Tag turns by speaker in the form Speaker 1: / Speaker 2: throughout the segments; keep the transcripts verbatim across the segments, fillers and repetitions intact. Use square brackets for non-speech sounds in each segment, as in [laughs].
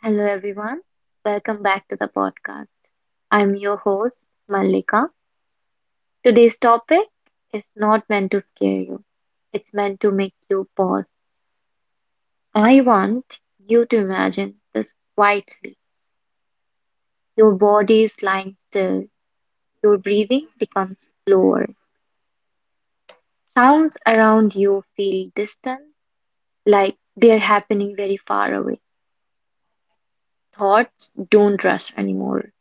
Speaker 1: Hello, everyone. Welcome back to the podcast. I'm your host, Mallika. Today's topic is not meant to scare you, it's meant to make you pause. I want you to imagine this quietly. Your body is lying still, your breathing becomes slower. Sounds around you feel distant, like they're happening very far away. Thoughts don't rush anymore.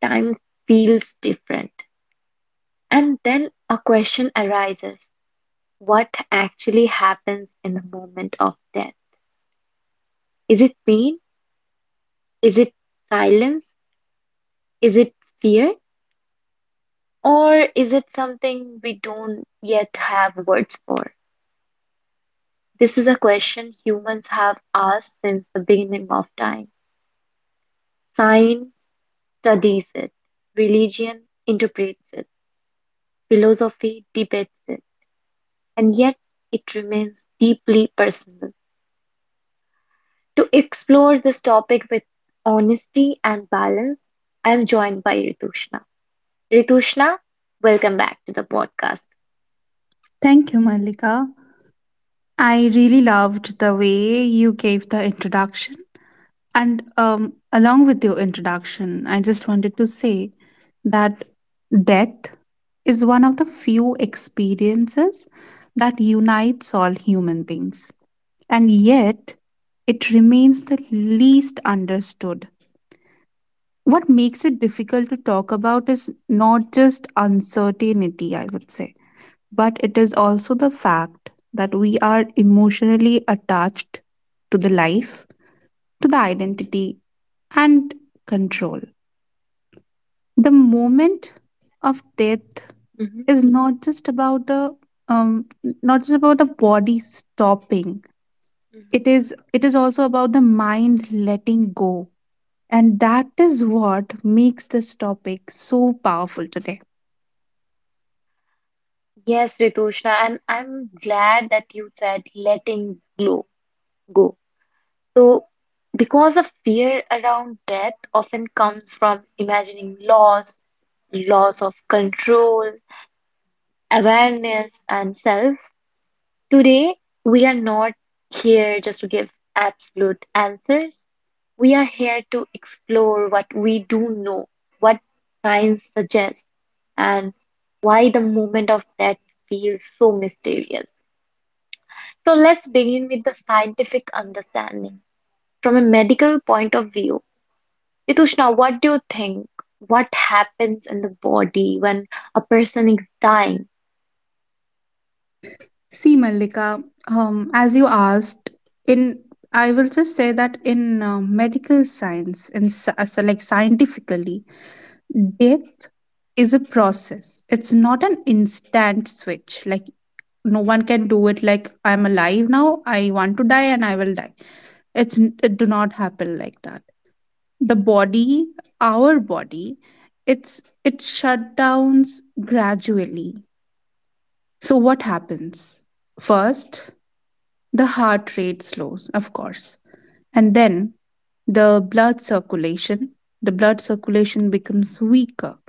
Speaker 1: Time feels different. And then a question arises: what actually happens in the moment of death? Is it pain? Is it silence? Is it fear? Or is it something we don't yet have words for? This is a question humans have asked since the beginning of time. Science studies it, religion interprets it, philosophy debates it, and yet it remains deeply personal. To explore this topic with honesty and balance, I am joined by Ritushna. Ritushna, welcome back to the podcast.
Speaker 2: Thank you, Malika. I really loved the way you gave the introduction. And um, along with your introduction, I just wanted to say that death is one of the few experiences that unites all human beings. And yet, it remains the least understood. What makes it difficult to talk about is not just uncertainty, I would say, but it is also the fact that we are emotionally attached to the life, to the identity, and control. The moment of death
Speaker 1: Hmm.
Speaker 2: is not just about the um, not just about the body stopping.
Speaker 1: Hmm.
Speaker 2: It is it is also about the mind letting go, and that is what makes this topic so powerful today.
Speaker 1: Yes, Ritushna, and I'm glad that you said letting go. go. So, because of fear around death often comes from imagining loss, loss of control, awareness, and self. Today, we are not here just to give absolute answers. We are here to explore what we do know, what science suggests, and why the moment of death feels so mysterious. So let's begin with the scientific understanding. From a medical point of view, Ritushna, what do you think? What happens in the body when a person is dying?
Speaker 2: See, Mallika, um, as you asked, in I will just say that in uh, medical science, in sci- uh, so like scientifically, death is a process. It's not an instant switch. Like no one can do it. Like I'm alive now. I want to die, and I will die. It's n- it do not happen like that. The body, our body, it's it shut downs gradually. So what happens? First, the heart rate slows, of course. And then the blood circulation, the blood circulation becomes weaker.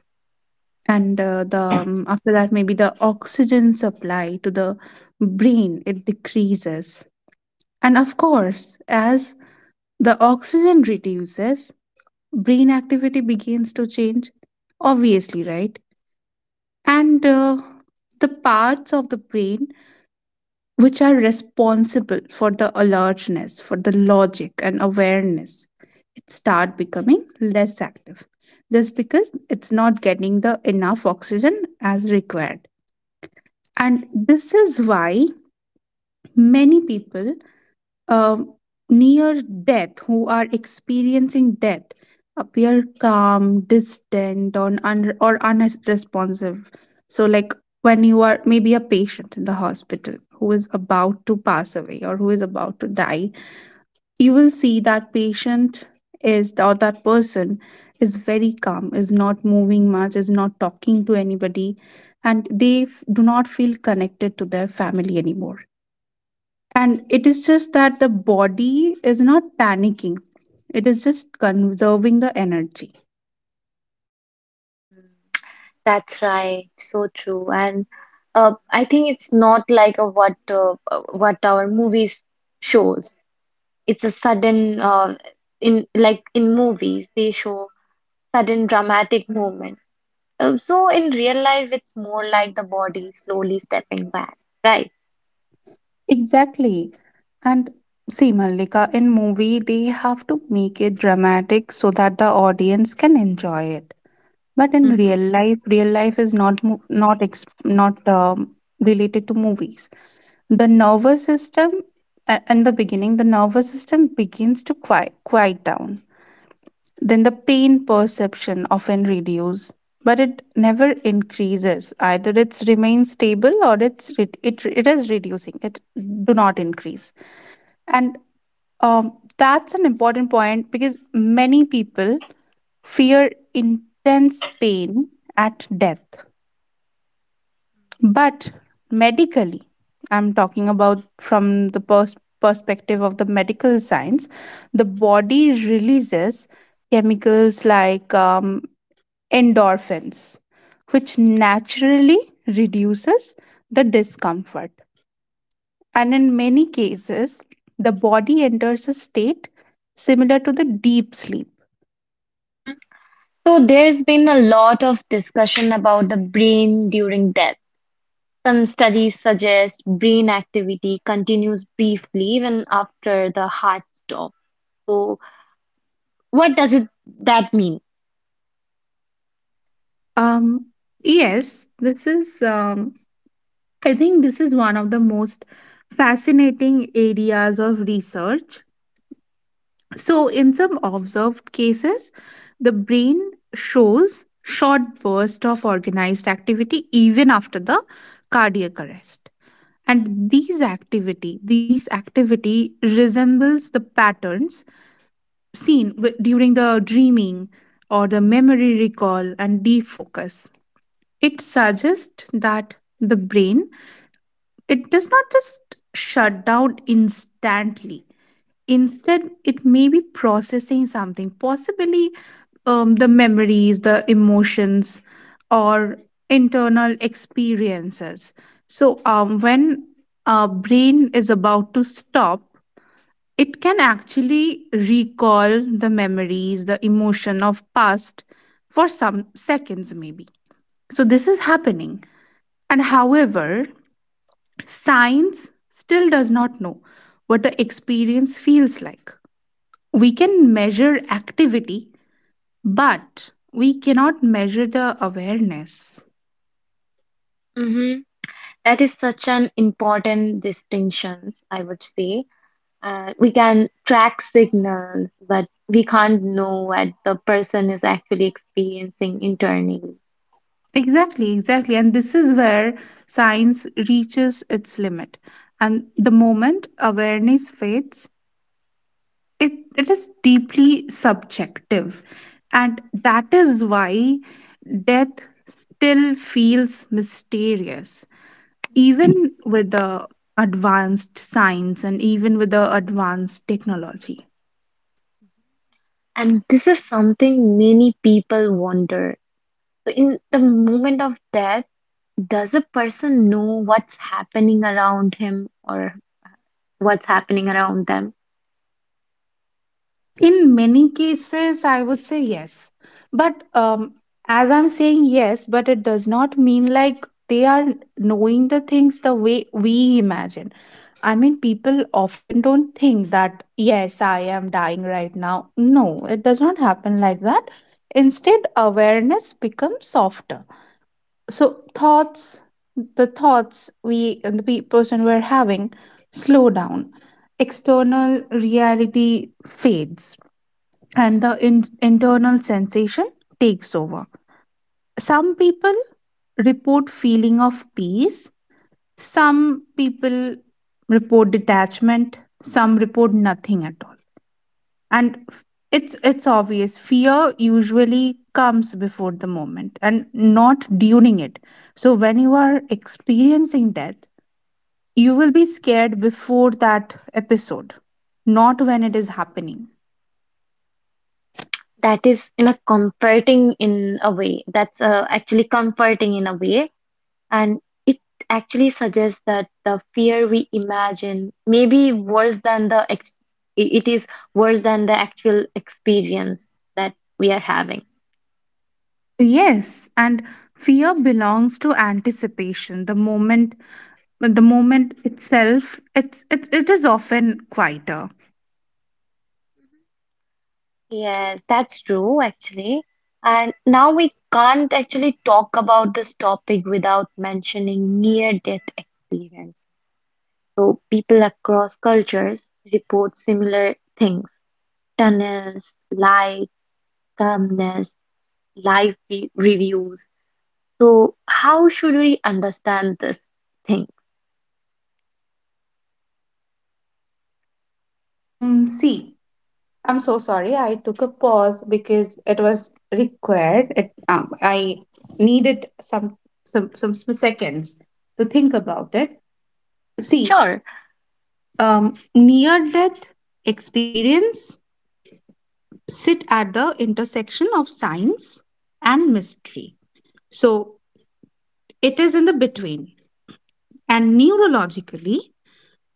Speaker 2: And uh, the um, after that, maybe the oxygen supply to the brain, it decreases. And of course, as the oxygen reduces, brain activity begins to change. Obviously, right? And uh, The parts of the brain which are responsible for the alertness, for the logic and awareness, it start becoming less active, just because it's not getting the enough oxygen as required. And this is why many people, um, near death, who are experiencing death, appear calm, distant, or, un- or unresponsive. So, like when you are maybe a patient in the hospital who is about to pass away or who is about to die, you will see that patient is or that person is very calm, is not moving much, is not talking to anybody, and they f- do not feel connected to their family anymore, and it is just that the body is not panicking, it is just conserving the energy.
Speaker 1: Mm. That's right, so true. And uh, I think it's not like a what uh, uh, what our movies shows. It's a sudden uh, in like in movies they show sudden dramatic movement. Uh, so in real life it's more like the body slowly stepping back, right?
Speaker 2: Exactly. And see, Malika, in movie, they have to make it dramatic so that the audience can enjoy it. But in
Speaker 1: Mm-hmm.
Speaker 2: real life, real life is not mo- not ex- not um, related to movies. The nervous system, a- In the beginning, the nervous system begins to quiet quiet down. Then the pain perception often reduces, but it never increases. Either it's remains stable, or it's re- it, it is reducing. It do not increase. And um, That's an important point, because many people fear intense pain at death. But medically, I'm talking about from the pers- perspective of the medical science, the body releases chemicals like um, endorphins, which naturally reduces the discomfort. And in many cases, the body enters a state similar to the deep sleep.
Speaker 1: Mm-hmm. So there's been a lot of discussion about the brain during death. Some studies suggest brain activity continues briefly even after the heart stops. So what does it that mean?
Speaker 2: Um, yes, this is, um, I think, this is one of the most fascinating areas of research. So, in some observed cases, the brain shows short bursts of organized activity even after the cardiac arrest. And these activity these activity resembles the patterns seen wi- during the dreaming or the memory recall and deep focus. It suggests that the brain, it does not just shut down instantly. Instead, it may be processing something, possibly um, the memories, the emotions, or internal experiences. So, um, when our brain is about to stop, it can actually recall the memories, the emotion of past for some seconds, maybe. So, this is happening. And however, science still does not know what the experience feels like. We can measure activity, but we cannot measure the awareness.
Speaker 1: Mm-hmm. That is such an important distinctions, I would say. And we can track signals, but we can't know what the person is actually experiencing internally.
Speaker 2: Exactly, exactly. And this is where science reaches its limit. And the moment awareness fades, it, it is deeply subjective. And that is why death still feels mysterious, even with the advanced science and even with the advanced technology.
Speaker 1: And this is something many people wonder. So in the moment of death, does a person know what's happening around him or what's happening around them?
Speaker 2: In many cases, I would say yes. But um, as I'm saying yes, but it does not mean like they are knowing the things the way we imagine. I mean, people often don't think that, yes, I am dying right now. No, it does not happen like that. Instead, awareness becomes softer. So, thoughts, the thoughts we, and the pe- person we're having, slow down. External reality fades, and the in- internal sensation takes over. Some people report feeling of peace, some people report detachment, some report nothing at all. And f- it's it's obvious fear usually comes before the moment and not during it. So when you are experiencing death, you will be scared before that episode, not when it is happening.
Speaker 1: That is in a comforting in a way. That's uh, actually comforting in a way. And it actually suggests that the fear we imagine may be worse than the ex it is worse than the actual experience that we are having.
Speaker 2: Yes, and fear belongs to anticipation. The moment, the moment itself, it's it, it is often quieter.
Speaker 1: Yes, that's true actually. And now we can't actually talk about this topic without mentioning near-death experience. So people across cultures report similar things. Tunnels, light, calmness, live re- reviews. So how should we understand this thing?
Speaker 2: Um, see, I'm so sorry. I took a pause because it was required. It um, I needed some some some seconds to think about it. See,
Speaker 1: Sure.
Speaker 2: um, near death experience sit at the intersection of science and mystery. So it is in the between. And neurologically,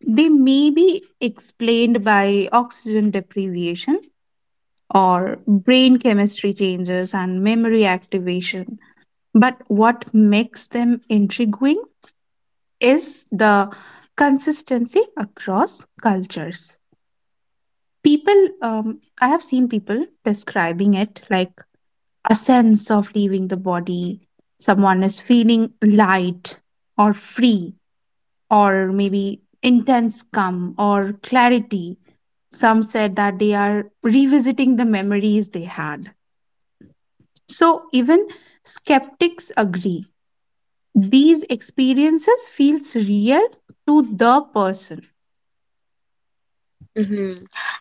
Speaker 2: they may be explained by oxygen deprivation or brain chemistry changes and memory activation. But what makes them intriguing is the consistency across cultures. People, um, I have seen people describing it like a sense of leaving the body, someone is feeling light or free, or maybe intense calm or clarity. Some said that they are revisiting the memories they had. So even skeptics agree, these experiences feels real to the person.
Speaker 1: Hmm.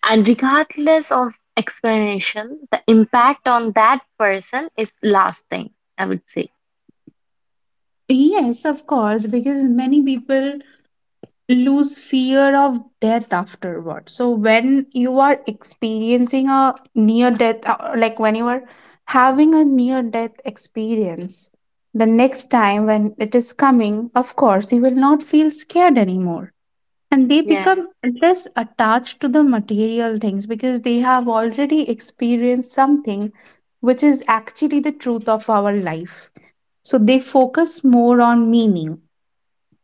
Speaker 1: And regardless of explanation, the impact on that person is lasting, I would say.
Speaker 2: Yes, of course, because many people lose fear of death afterward. So when you are experiencing a near death, uh, like when you are having a near death experience, the next time when it is coming, of course, you will not feel scared anymore. And they
Speaker 1: Yes.
Speaker 2: become less attached to the material things, because they have already experienced something which is actually the truth of our life. So they focus more on meaning,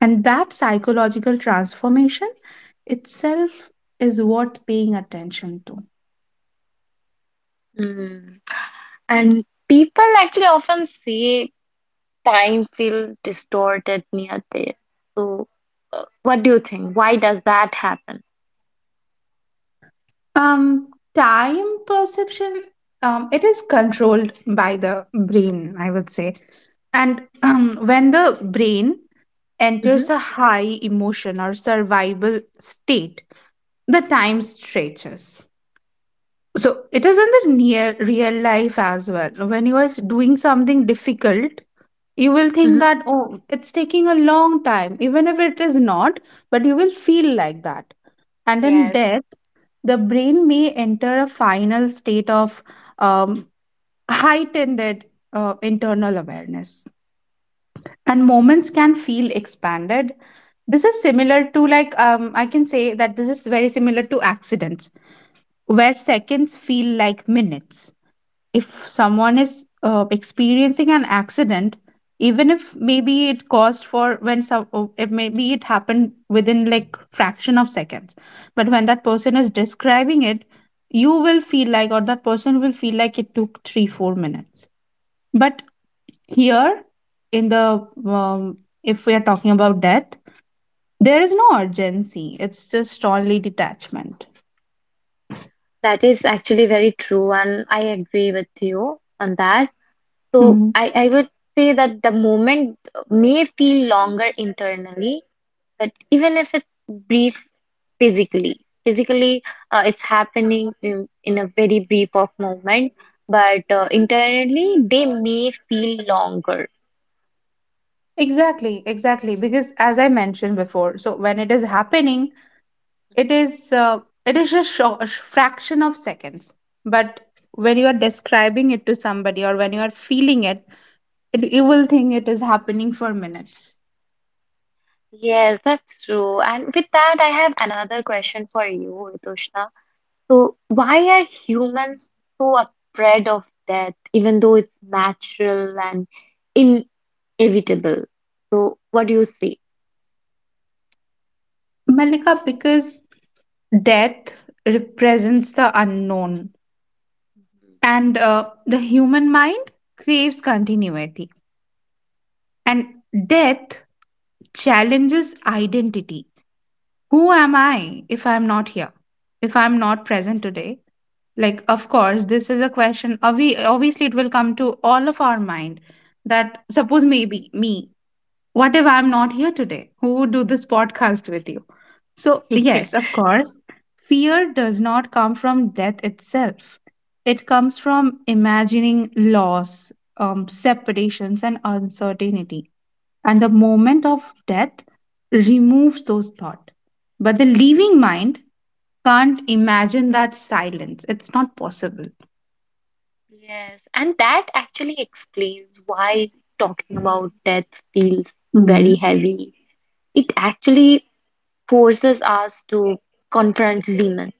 Speaker 2: and that psychological transformation itself is worth paying attention to.
Speaker 1: Hmm. And people actually often say time feels distorted near there. So, uh, what do you think? Why does that happen?
Speaker 2: Um, Time perception, um, it is controlled by the brain, I would say. And um, when the brain
Speaker 1: Hmm.
Speaker 2: enters a high emotion or survival state, the time stretches. So it is in the near real life as well. When you are doing something difficult, you will think
Speaker 1: Hmm.
Speaker 2: that, oh, it's taking a long time even if it is not, but you will feel like that. And in
Speaker 1: Yes.
Speaker 2: death, the brain may enter a final state of um, heightened uh, internal awareness, and moments
Speaker 1: Mhm.
Speaker 2: can feel expanded. This is similar to, like, um, I can say that this is very similar to accidents where seconds feel like minutes. If someone is uh, experiencing an accident, even if maybe it caused for when some, oh, it maybe it happened within like fraction of seconds, but when that person is describing it, you will feel like, or that person will feel like, it took three four minutes. But here, in the um, if we are talking about death, there is no urgency, it's just only detachment.
Speaker 1: That is actually very true, and I agree with you on that. So
Speaker 2: Mhm.
Speaker 1: I, I would say that the moment may feel longer internally, but even if it's brief physically, physically uh, it's happening in, in a very brief of moment, but uh, internally they may feel longer.
Speaker 2: Exactly, exactly. Because, as I mentioned before, so when it is happening, it is uh, it is just sho- a fraction of seconds. But when you are describing it to somebody or when you are feeling it, it you will think it is happening for minutes.
Speaker 1: Yes, that's true. And with that, I have another question for you, Ritushna. So why are humans so afraid of death, even though it's natural and in evitable. So, what do you say?
Speaker 2: Malika, because death represents the unknown.
Speaker 1: Mhm.
Speaker 2: And uh, the human mind craves continuity, and death challenges identity. Who am I if I'm not here? If I'm not present today? Like, of course, this is a question. obvi- Obviously, it will come to all of our mind that, suppose maybe me, what if I'm not here today? Who would do this podcast with you? So, yes, of
Speaker 1: [laughs]
Speaker 2: course, fear does not come from death itself. It comes from imagining loss, um, separations, and uncertainty. And the moment of death removes those thoughts. But the leaving mind can't imagine that silence. It's not possible.
Speaker 1: Yeah. Yes, and that actually explains why talking about death feels very
Speaker 2: Hmm.
Speaker 1: heavy. It actually forces us to confront demons.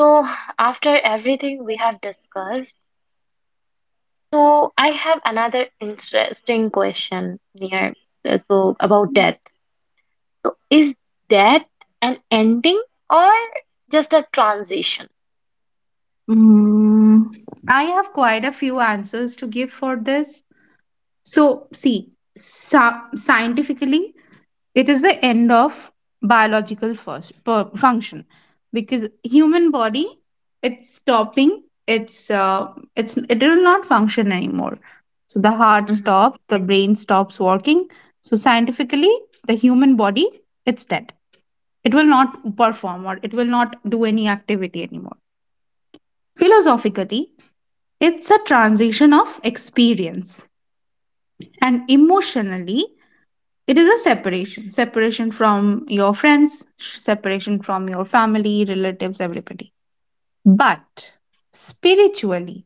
Speaker 1: So, after everything we have discussed, so I have another interesting question here. uh, So, about death. So, is death an ending or just a transition?
Speaker 2: Mm, I have quite a few answers to give for this. So, see, sa- scientifically, it is the end of biological, first, per- function, because human body, it's stopping, it's uh, it's it will not function anymore. So the heart
Speaker 1: Mm-hmm.
Speaker 2: stops, the brain stops working. So scientifically, the human body, it's dead, it will not perform, or it will not do any activity anymore. Philosophically, it's a transition of experience. And emotionally, it is a separation, separation from your friends, separation from your family, relatives, everybody. But spiritually,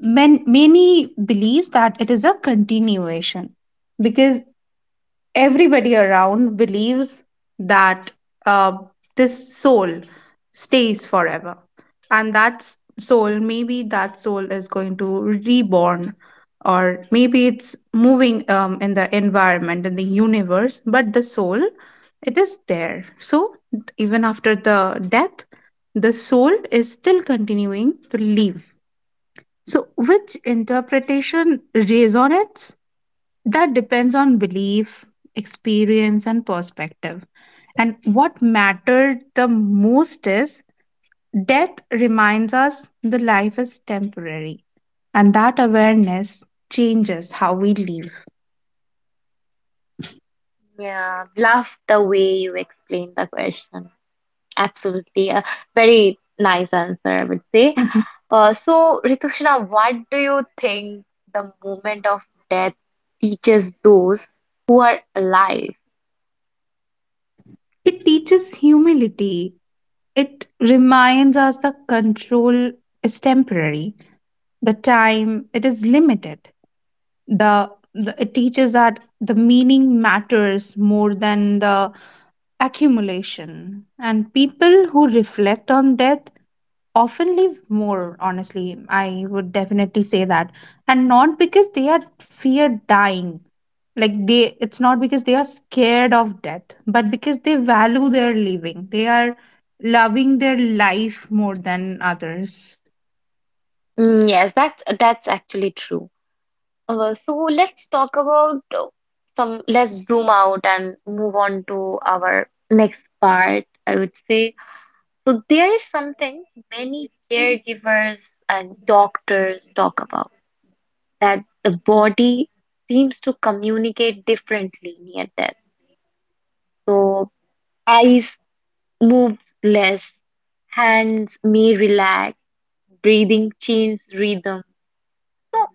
Speaker 2: men, many believes that it is a continuation, because everybody around believes that, uh, this soul stays forever. And that s- soul, maybe that soul is going to reborn, or maybe it's moving, um, in the environment, in the universe, but the soul, it is there. So even after the death, the soul is still continuing to live. So which interpretation resonates, that depends on belief, experience, and perspective. And what mattered the most is, death reminds us the life is temporary, and that awareness changes how we live.
Speaker 1: Yeah, love the way you explained the question. Absolutely. A very nice answer, I would say.
Speaker 2: Mhm.
Speaker 1: Uh, so, Ritushna, what do you think the moment of death teaches those who are alive?
Speaker 2: It teaches humility. It reminds us the control is temporary. The time it is limited. The, the it teaches that the meaning matters more than the accumulation. And people who reflect on death often live more honestly, I would definitely say that, and not because they are fear dying, like they, it's not because they are scared of death but because they value their living, they are loving their life more than others.
Speaker 1: Mm, yes, that's that's actually true. Uh, so let's talk about uh, some, let's zoom out and move on to our next part, I would say. So there is something many caregivers and doctors talk about that the body seems to communicate differently near death. So eyes move less, hands may relax, breathing changes rhythm. So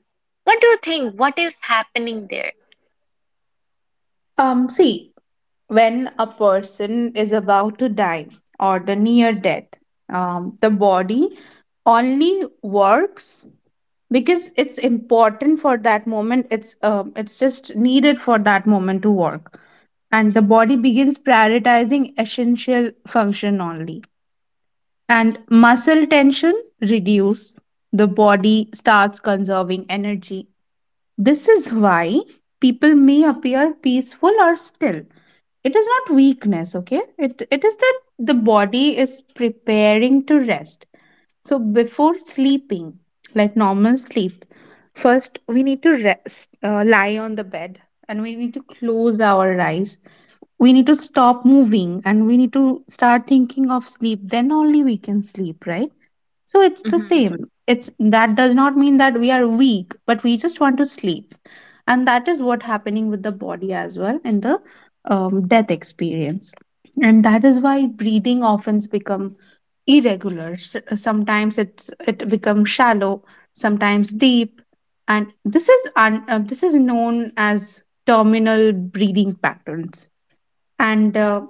Speaker 1: what do you think? What is happening there?
Speaker 2: um See, when a person is about to die or the near death, um the body only works because it's important for that moment. It's um, it's just needed for that moment to work, and the body begins prioritizing essential function only. And muscle tension reduce, the body starts conserving energy. This is why people may appear peaceful or still. It is not weakness, okay. It it is that the body is preparing to rest. So before sleeping, like normal sleep, first we need to rest, uh, lie on the bed, and we need to close our eyes. We need to stop moving, and we need to start thinking of sleep. Then only we can sleep, right? So it's the
Speaker 1: Mhm.
Speaker 2: same. It's that does not mean that we are weak, but we just want to sleep, and that is what happening with the body as well in the um, death experience, and that is why breathing often become irregular. S- Sometimes it's it becomes shallow, sometimes deep, and this is un, uh, this is known as terminal breathing patterns. And uh,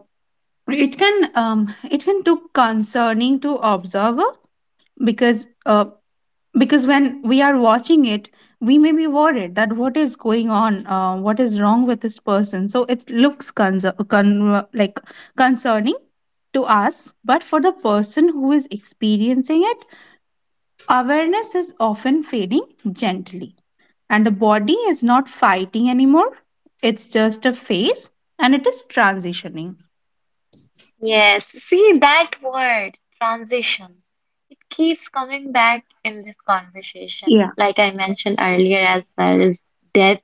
Speaker 2: it can um, it can look concerning to observer because uh, because when we are watching it, we may be worried that what is going on, uh, what is wrong with this person. So it looks concer- con- like concerning to us, but for the person who is experiencing it, awareness is often fading gently, and the body is not fighting anymore. It's just a phase and it is transitioning.
Speaker 1: Yes, see that word, transition. It keeps coming back in this conversation.
Speaker 2: Yeah.
Speaker 1: Like I mentioned earlier as well, is death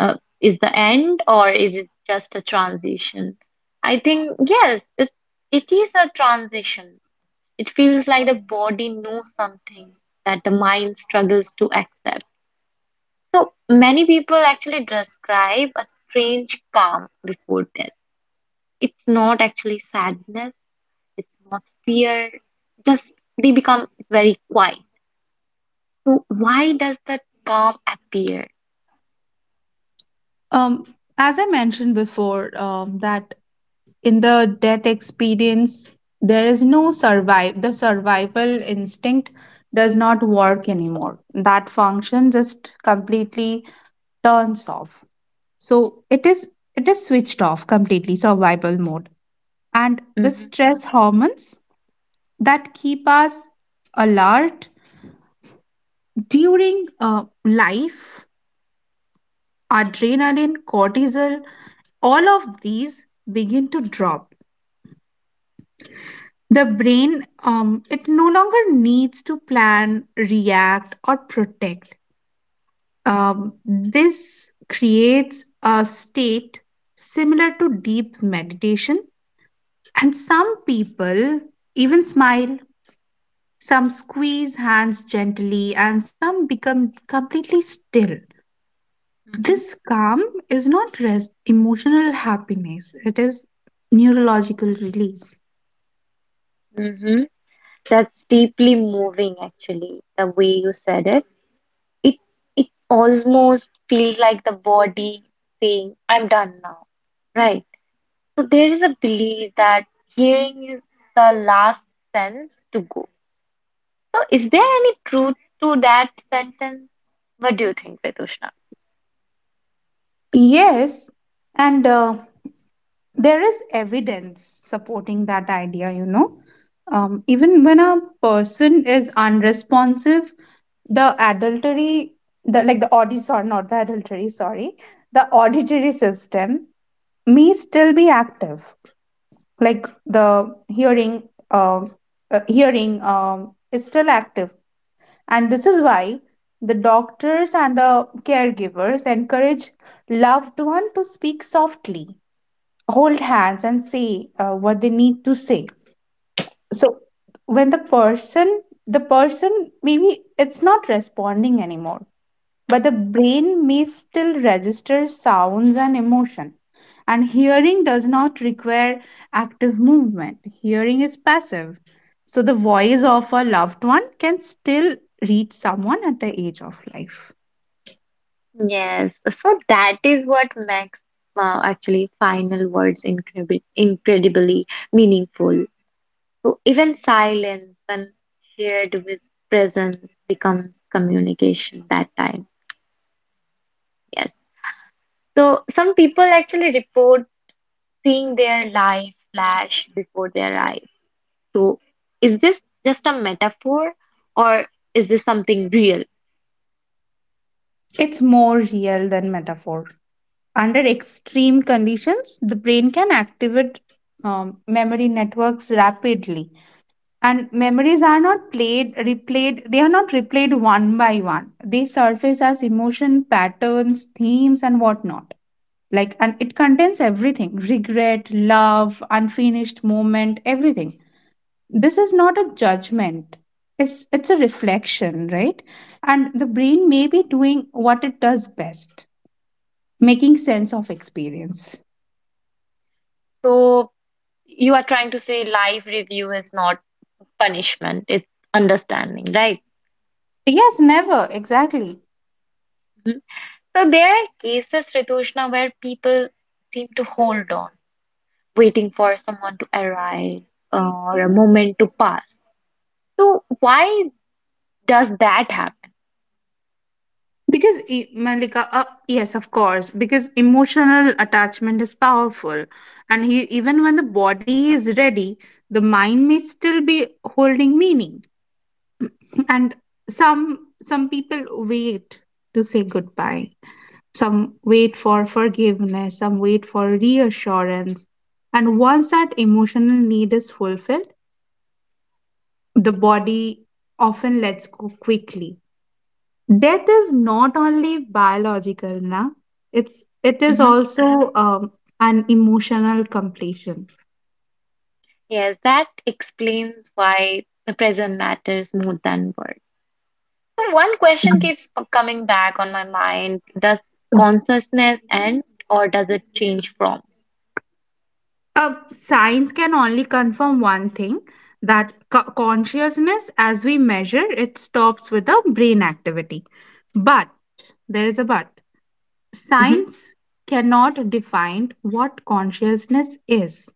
Speaker 1: uh, is the end or is it just a transition? I think yes, it it is a transition. It feels like the body knows something that the mind struggles to accept. So many people actually describe a strange calm before death. It's not actually sadness, it's not fear, just they become very quiet. So why does that calm appear?
Speaker 2: Um, as I mentioned before, um, that in the death experience, there is no survive. The survival instinct does not work anymore. That function just completely turns off. So it is it is switched off completely survival mode, and the
Speaker 1: Mm-hmm.
Speaker 2: stress hormones that keep us alert during uh, life. Adrenaline, cortisol, all of these begin to drop. The brain, um, it no longer needs to plan, react, or protect. Um, this creates a state similar to deep meditation. And some people even smile, some squeeze hands gently, and some become completely still.
Speaker 1: Mm-hmm.
Speaker 2: This calm is not rest, emotional happiness, it is neurological release.
Speaker 1: Mm-hmm. That's deeply moving, actually, the way you said it it it almost feels like the body saying, I'm done now, right? So there is a belief that hearing is the last sense to go. So is there any truth to that sentence? What do you think, Vedushna?
Speaker 2: Yes, and uh, there is evidence supporting that idea, you know. Um, even when a person is unresponsive, the adultery, the like the audit, sorry, not the adultery, sorry, the auditory system may still be active. Like the hearing, uh, uh, hearing um, is still active. And this is why the doctors and the caregivers encourage loved one to speak softly, hold hands, and say uh, what they need to say. So when the person, the person maybe it's not responding anymore but the brain may still register sounds and emotion. And hearing does not require active movement, hearing is passive. So, the voice of a loved one can still reach someone at the age of life.
Speaker 1: Yes, so that is what makes uh, actually final words incredib incredibly meaningful. So even silence, when shared with presence, becomes communication that time. Yes. So some people actually report seeing their life flash before their eyes. So is this just a metaphor or is this something real?
Speaker 2: It's more real than metaphor. Under extreme conditions, the brain can activate um, memory networks rapidly. And memories are not played, replayed, they are not replayed one by one. They surface as emotion, patterns, themes, and whatnot. Like, and it contains everything regret, love, unfinished moment, everything. This is not a judgment, it's, it's a reflection, right? And the brain may be doing what it does best, making sense of experience.
Speaker 1: So you are trying to say life review is not punishment, it's understanding, right?
Speaker 2: Yes, never, exactly.
Speaker 1: So there are cases, Ritushna, where people seem to hold on, waiting for someone to arrive, uh, or a moment to pass. So why does that happen?
Speaker 2: Because, e- Malika, uh, yes, of course, because emotional attachment is powerful. And he, even when the body is ready, the mind may still be holding meaning. And some some people wait to say goodbye. Some wait for forgiveness. Some wait for reassurance. And once that emotional need is fulfilled, the body often lets go quickly. Death is not only biological, na? It's it is
Speaker 1: Hmm.
Speaker 2: also um, an emotional completion.
Speaker 1: Yes, that explains why the present matters more than words. So one question keeps p- coming back on my mind: does consciousness end, or does it change from?
Speaker 2: Uh, science can only confirm one thing, that co- consciousness, as we measure, it stops with the brain activity. But there is a but. Science cannot define what consciousness is.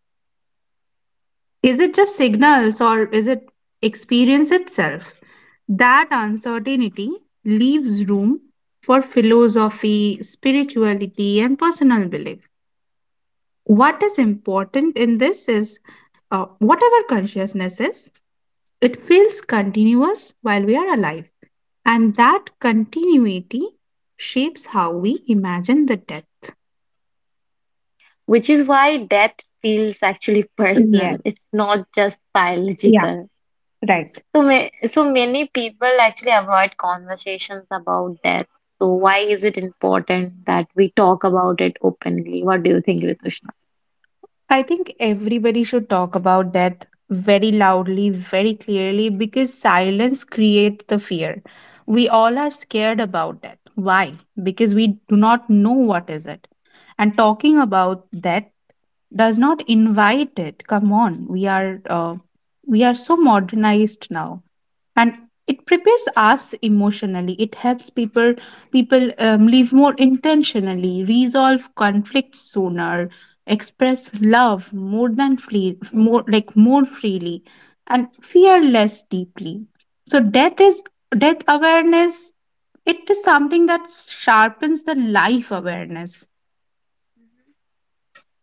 Speaker 2: Is it just signals or is it experience itself? That uncertainty leaves room for philosophy, spirituality, and personal belief. What is important in this is uh, whatever consciousness is, it feels continuous while we are alive. And that continuity shapes how we imagine the death.
Speaker 1: Which is why death feels actually [laughs] personal.
Speaker 2: Yes.
Speaker 1: It's not just
Speaker 2: Yeah.
Speaker 1: biological.
Speaker 2: Right.
Speaker 1: So, ma- so many people actually avoid conversations about death. So why is it important that we talk about it openly? What do you think, Ritushna?
Speaker 2: I think everybody should talk about death very loudly, very clearly, because silence creates the fear. We all are scared about death. Why? Because we do not know what is it. And talking about that does not invite it. Come on, we are uh, we are so modernized now, and it prepares us emotionally. It helps people, people um, live more intentionally, resolve conflicts sooner, express love more than free, more like more freely, and fear less deeply. So death is, death awareness, it is something that sharpens the life awareness.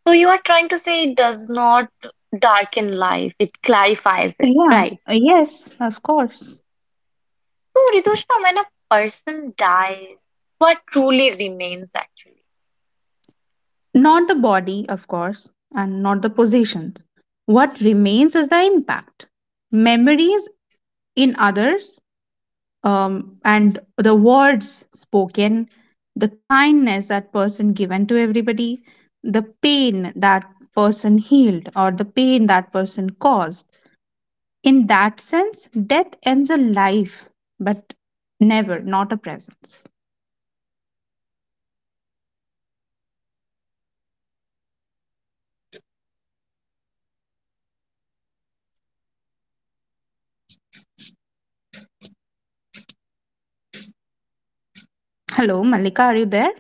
Speaker 1: So you are trying to say it does not darken life, it clarifies it,
Speaker 2: Yeah,
Speaker 1: right?
Speaker 2: yes, of course.
Speaker 1: So Ritushna, when a person dies, what truly remains actually?
Speaker 2: Not the body, of course, and not the possessions. What remains is the impact. Memories in others, um, and the words spoken, the kindness that person given to everybody, the pain that person healed, or the pain that person caused. In that sense, death ends a life, but never, not a presence. Hello, Malika, are you there?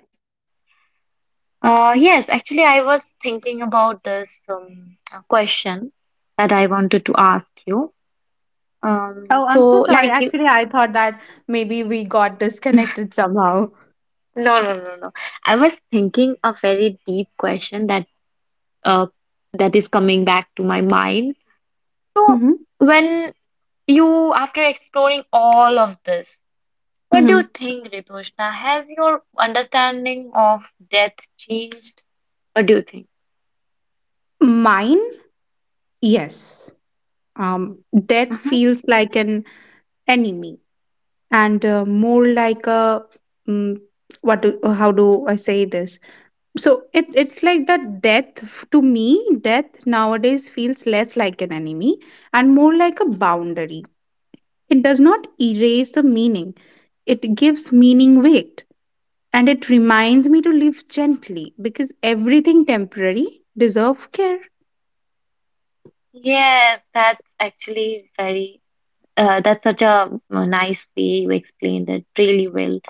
Speaker 1: Uh, yes, actually, I was thinking about this um, uh, question that I wanted to ask you. Um,
Speaker 2: Oh, I'm so
Speaker 1: so,
Speaker 2: sorry.
Speaker 1: like you,
Speaker 2: Actually, I thought that maybe we got disconnected somehow.
Speaker 1: no, no, no, no. I was thinking a very deep question that uh that is coming back to my mind. So,
Speaker 2: Hmm.
Speaker 1: when you, after exploring all of this, what do
Speaker 2: Hmm.
Speaker 1: you think, Ritushna? Has your understanding of death changed? What do you think?
Speaker 2: Mine, yes. Um, Death
Speaker 1: Mhm.
Speaker 2: feels like an enemy, and uh, more like a, mm what do, how do I say this? So it it's like that death f- to me. Death nowadays feels less like an enemy and more like a boundary. It does not erase the meaning. It gives meaning weight, and it reminds me to live gently because everything temporary deserve care.
Speaker 1: Yes, that's actually very. Uh, that's such a uh, nice way you explained it really well.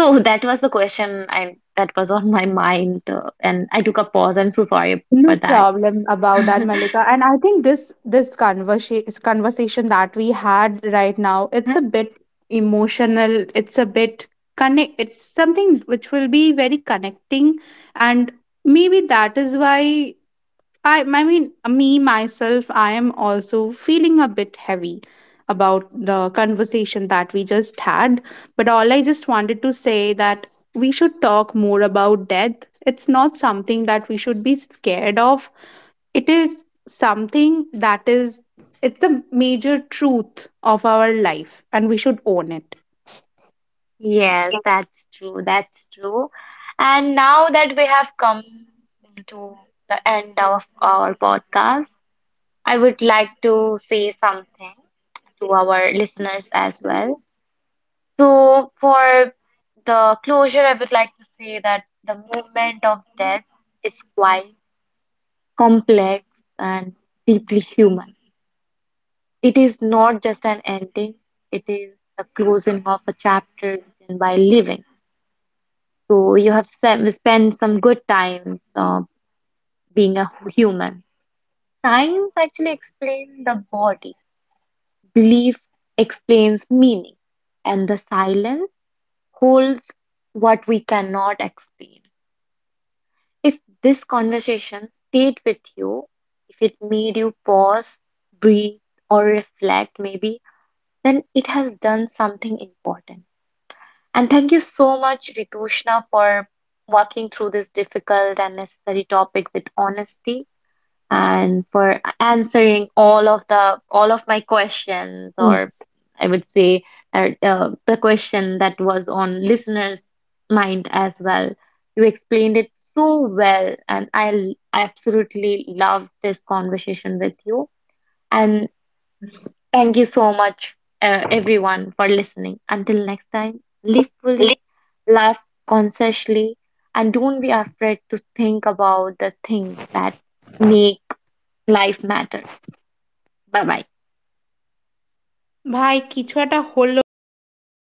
Speaker 1: So [laughs] that was the question I that was on my mind, uh, and I took a pause. I'm so sorry
Speaker 2: No
Speaker 1: for that.
Speaker 2: problem about that,
Speaker 1: [laughs]
Speaker 2: Malika. And I think this this conversation conversation that we had right now, it's a bit emotional. It's a bit connect. It's something which will be very connecting, and maybe that is why I, I mean, me, myself, I am also feeling a bit heavy about the conversation that we just had. But all I just wanted to say that we should talk more about death. It's not something that we should be scared of. It is something that is, it's the major truth of our life, and we should own it.
Speaker 1: Yes, that's true. That's true. And now that we have come to the end of our podcast, I would like to say something to our listeners as well. So for the closure, I would like to say that the movement of death is quite complex and deeply human. It is not just an ending, it is the closing of a chapter written by living. So you have spent, spent some good time uh, being a hu- human. Science actually explains the body, belief explains meaning, and the silence holds what we cannot explain. If this conversation stayed with you, if it made you pause, breathe, or reflect, maybe, then it has done something important. And thank you so much, Ritushna, for walking through this difficult and necessary topic with honesty and for answering all of the all of my questions, or I would say, uh, uh, the question that was on listeners' mind as well. You explained it so well, and I l- absolutely loved this conversation with you. And thank you so much, uh, everyone, for listening. Until next time, live fully, laugh consciously, and don't be afraid to think about the things that make life matter. Bye bye.